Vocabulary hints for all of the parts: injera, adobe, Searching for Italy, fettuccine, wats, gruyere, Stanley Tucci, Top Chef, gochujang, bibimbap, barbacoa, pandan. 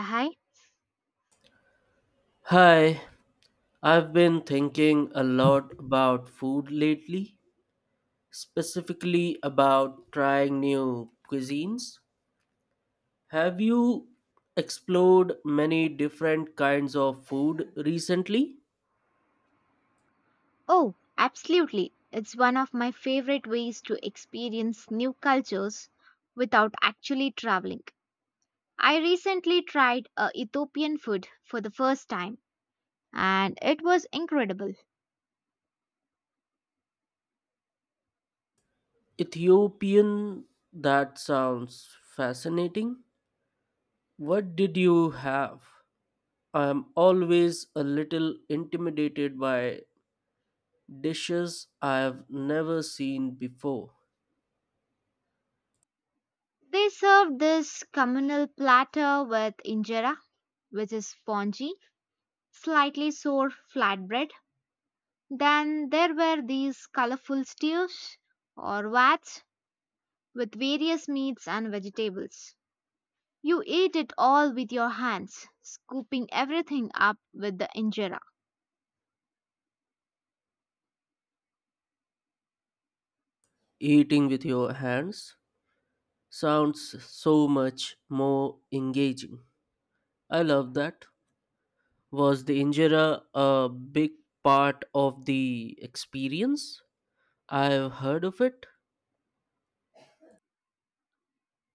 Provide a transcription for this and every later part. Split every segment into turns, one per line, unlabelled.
Hi.
Hi, I've been thinking a lot about food lately, specifically about trying new cuisines. Have you explored many different kinds of food recently?
Oh, absolutely. It's one of my favorite ways to experience new cultures without actually traveling. I recently tried Ethiopian food for the first time and it was incredible.
Ethiopian, that sounds fascinating. What did you have? I'm always a little intimidated by dishes I've never seen before.
They served this communal platter with injera, which is spongy, slightly sour flatbread. Then there were these colorful stews or wats with various meats and vegetables. You ate it all with your hands, scooping everything up with the injera.
Eating with your hands? Sounds so much more engaging. I love that. Was the injera a big part of the experience? I've heard of it.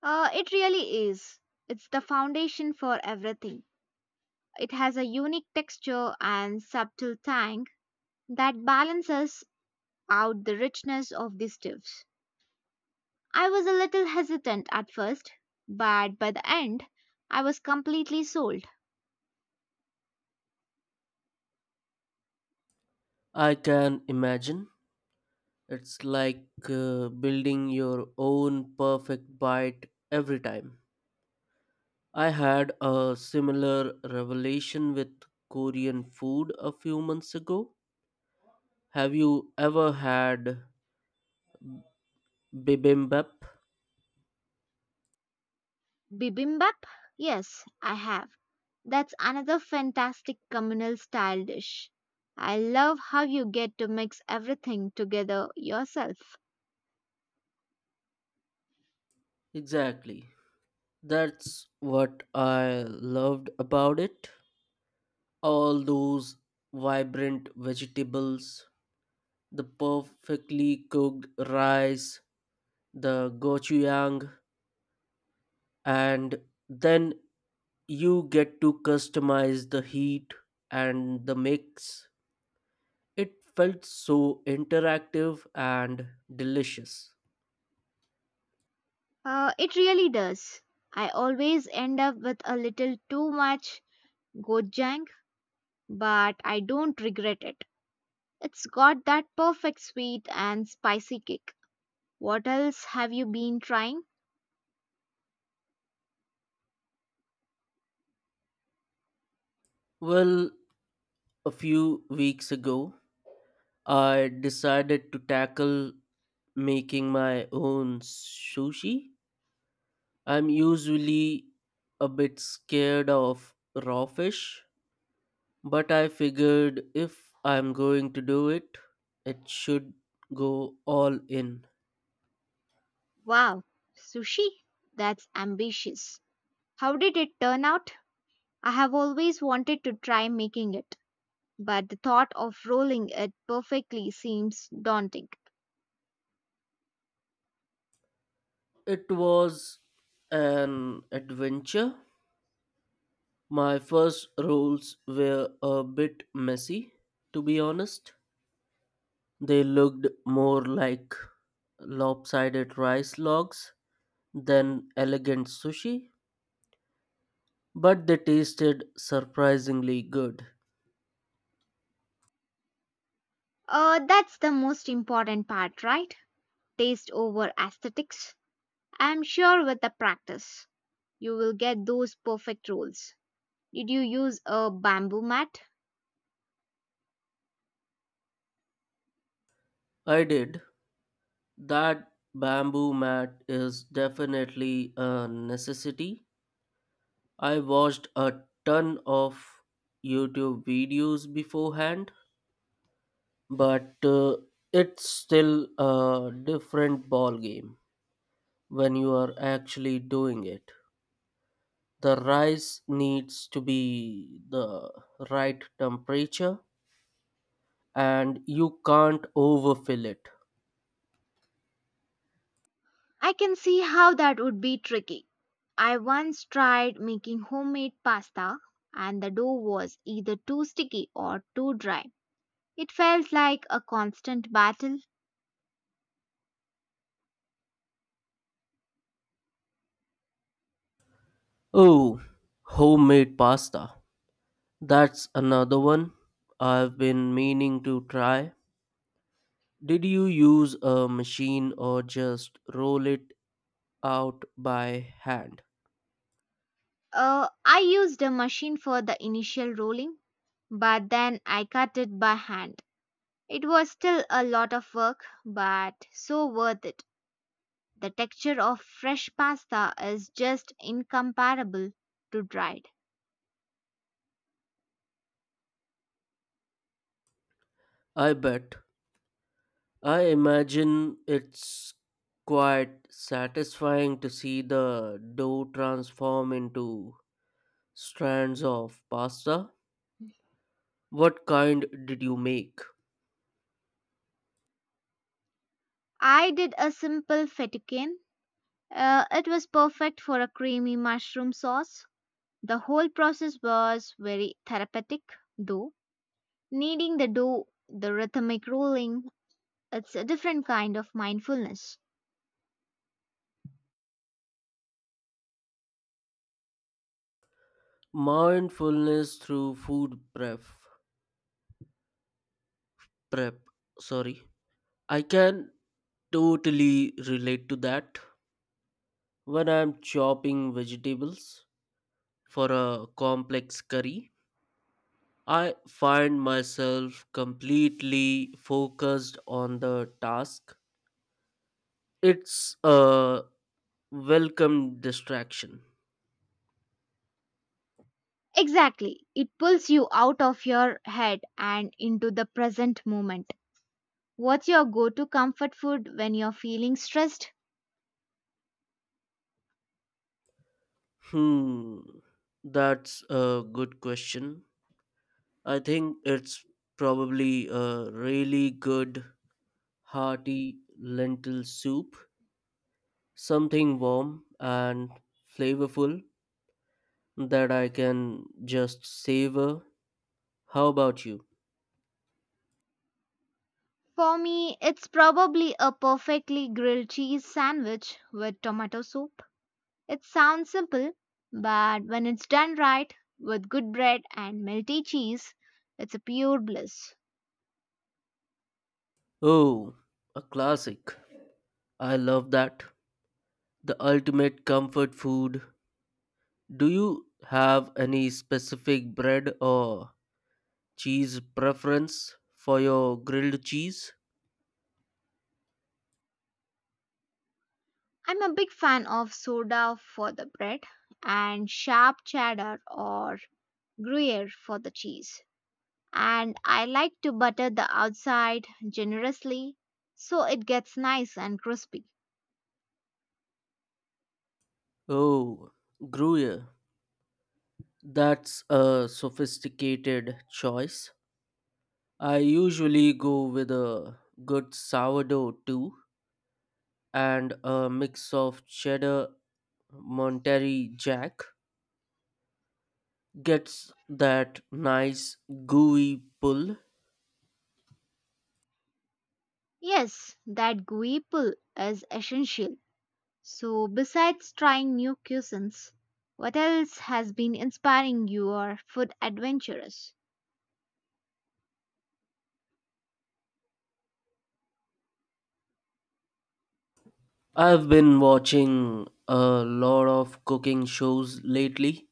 It really is. It's the foundation for everything. It has a unique texture and subtle tang that balances out the richness of the stews. I was a little hesitant at first, but by the end, I was completely sold.
I can imagine. It's like building your own perfect bite every time. I had a similar revelation with Korean food a few months ago. Have you ever had bibimbap?
Bibimbap? Yes, I have. That's another fantastic communal style dish. I love how you get to mix everything together yourself.
Exactly. That's what I loved about it. All those vibrant vegetables, the perfectly cooked rice, the gochujang, and then you get to customize the heat and the mix. It felt so interactive and delicious.
It really does. I always end up with a little too much gochujang, but I don't regret it. It's got that perfect sweet and spicy kick. What else have you been trying?
Well, a few weeks ago, I decided to tackle making my own sushi. I'm usually a bit scared of raw fish, but I figured if I'm going to do it, it should go all in.
Wow, sushi? That's ambitious. How did it turn out? I have always wanted to try making it, but the thought of rolling it perfectly seems daunting.
It was an adventure. My first rolls were a bit messy, to be honest. They looked more like lopsided rice logs than elegant sushi, but they tasted surprisingly good.
That's the most important part, right? Taste over aesthetics. I'm sure with the practice, you will get those perfect rolls. Did you use a bamboo mat?
I did. That bamboo mat is definitely a necessity. I watched a ton of YouTube videos beforehand, but it's still a different ball game when you are actually doing it. The rice needs to be the right temperature and you can't overfill it.
I can see how that would be tricky. I once tried making homemade pasta, and the dough was either too sticky or too dry. It felt like a constant battle.
Oh, homemade pasta. That's another one I've been meaning to try. Did you use a machine or just roll it out by hand?
I used a machine for the initial rolling, but then I cut it by hand. It was still a lot of work, but so worth it. The texture of fresh pasta is just incomparable to dried.
I bet. I imagine it's quite satisfying to see the dough transform into strands of pasta. What kind did you make?
I did a simple fettuccine. It was perfect for a creamy mushroom sauce. The whole process was very therapeutic, though. Kneading the dough, the rhythmic rolling, it's a different kind of mindfulness.
Mindfulness through food prep. Prep, sorry. I can totally relate to that. When I'm chopping vegetables for a complex curry, I find myself completely focused on the task. It's a welcome distraction.
Exactly. It pulls you out of your head and into the present moment. What's your go to comfort food when you're feeling stressed?
Hmm, that's a good question. I think it's probably a really good, hearty lentil soup, something warm and flavorful that I can just savor. How about you?
For me, it's probably a perfectly grilled cheese sandwich with tomato soup. It sounds simple, but when it's done right, with good bread and melty cheese, it's a pure bliss.
Oh, a classic. I love that. The ultimate comfort food. Do you have any specific bread or cheese preference for your grilled cheese?
I'm a big fan of soda for the bread and sharp cheddar or gruyere for the cheese, and I like to butter the outside generously so it gets nice and crispy.
Oh, Gruyere. That's a sophisticated choice. I usually go with a good sourdough too and a mix of cheddar, Monterey Jack. Gets that nice gooey pull.
Yes, that gooey pull is essential. So, besides trying new cuisines, what else has been inspiring your food adventures?
I've been watching a lot of cooking shows lately,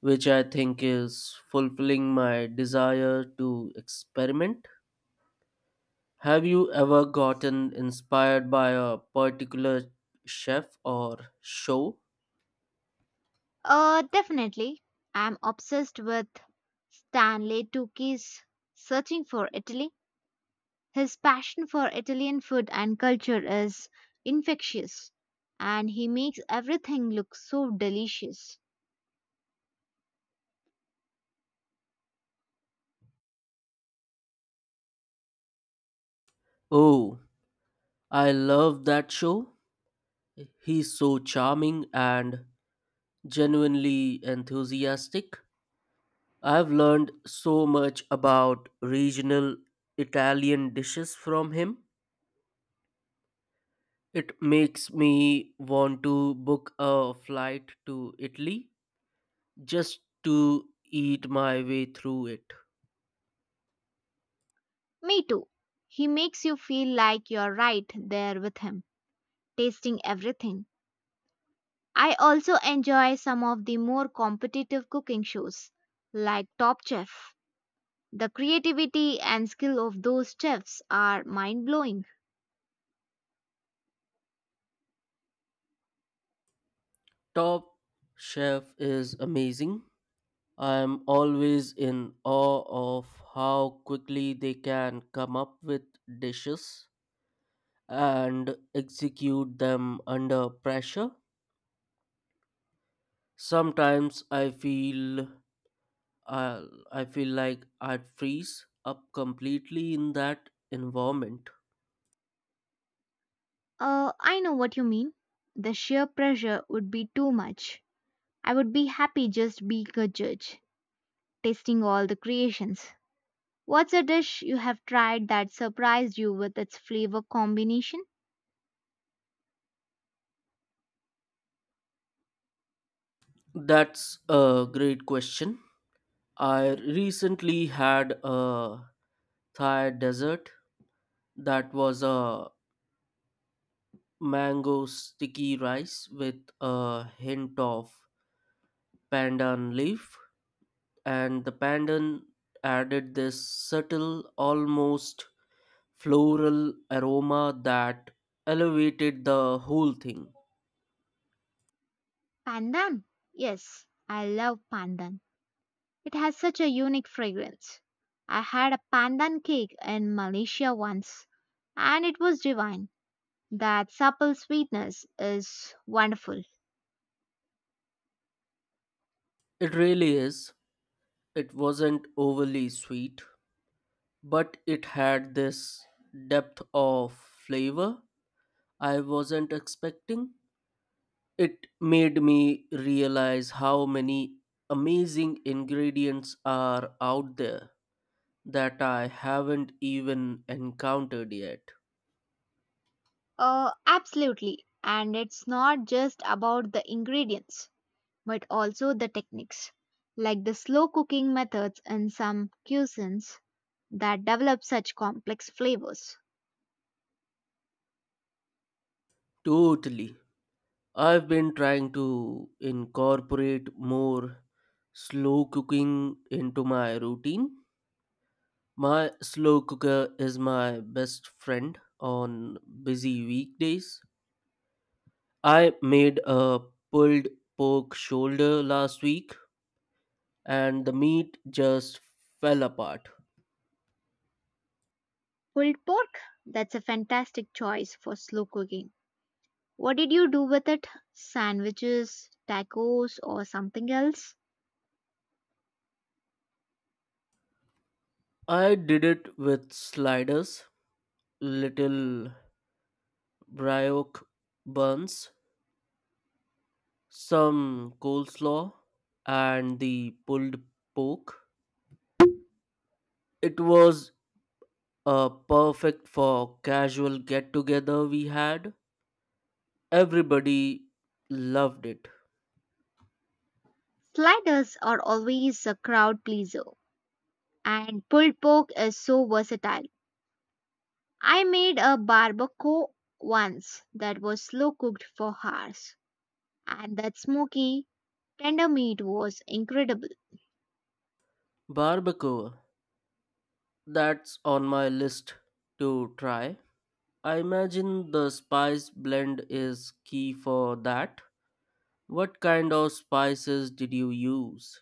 which I think is fulfilling my desire to experiment. Have you ever gotten inspired by a particular chef or show?
Definitely. I'm obsessed with Stanley Tucci's Searching for Italy. His passion for Italian food and culture is infectious, and he makes everything look so delicious.
Oh, I love that show. He's so charming and genuinely enthusiastic. I've learned so much about regional Italian dishes from him. It makes me want to book a flight to Italy just to eat my way through it.
Me too. He makes you feel like you're right there with him, tasting everything. I also enjoy some of the more competitive cooking shows, like Top Chef. The creativity and skill of those chefs are mind blowing.
Top Chef is amazing. I'm always in awe of how quickly they can come up with dishes and execute them under pressure. Sometimes I I feel like I'd freeze up completely in that environment.
I know what you mean. The sheer pressure would be too much. I would be happy just being a judge, testing all the creations. What's a dish you have tried that surprised you with its flavor combination?
That's a great question. I recently had a Thai dessert that was a mango sticky rice with a hint of pandan leaf, and the pandan added this subtle, almost floral aroma that elevated the whole thing.
Pandan. Yes, I love pandan. It has such a unique fragrance. I had a pandan cake in Malaysia once, and it was divine. That supple sweetness is wonderful.
It really is. It wasn't overly sweet, but it had this depth of flavor I wasn't expecting. It made me realize how many amazing ingredients are out there that I haven't even encountered yet.
Oh, absolutely. And it's not just about the ingredients, but also the techniques, like the slow cooking methods in some cuisines that develop such complex flavors.
Totally. I've been trying to incorporate more slow cooking into my routine. My slow cooker is my best friend on busy weekdays. I made a pulled pork shoulder last week and the meat just fell apart.
Pulled pork, that's a fantastic choice for slow cooking. What did you do with it? Sandwiches, tacos, or something else?
I did it with sliders, little brioche buns, some coleslaw, and the pulled pork. It was perfect for casual get together we had. Everybody loved it.
Sliders are always a crowd pleaser, and pulled pork is so versatile. I made a barbacoa once that was slow cooked for hours, and that smoky, tender meat was incredible.
Barbacoa, that's on my list to try. I imagine the spice blend is key for that. What kind of spices did you use?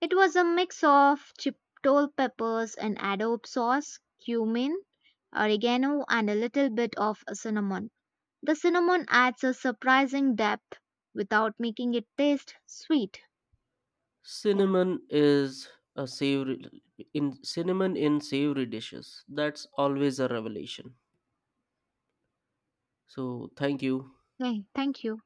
It was a mix of chipotle peppers and adobe sauce, cumin, oregano, and a little bit of cinnamon. The cinnamon adds a surprising depth without making it taste sweet. Yeah.
Cinnamon is a savory in cinnamon in savory dishes. That's always a revelation. So, thank you.
Hey, thank you.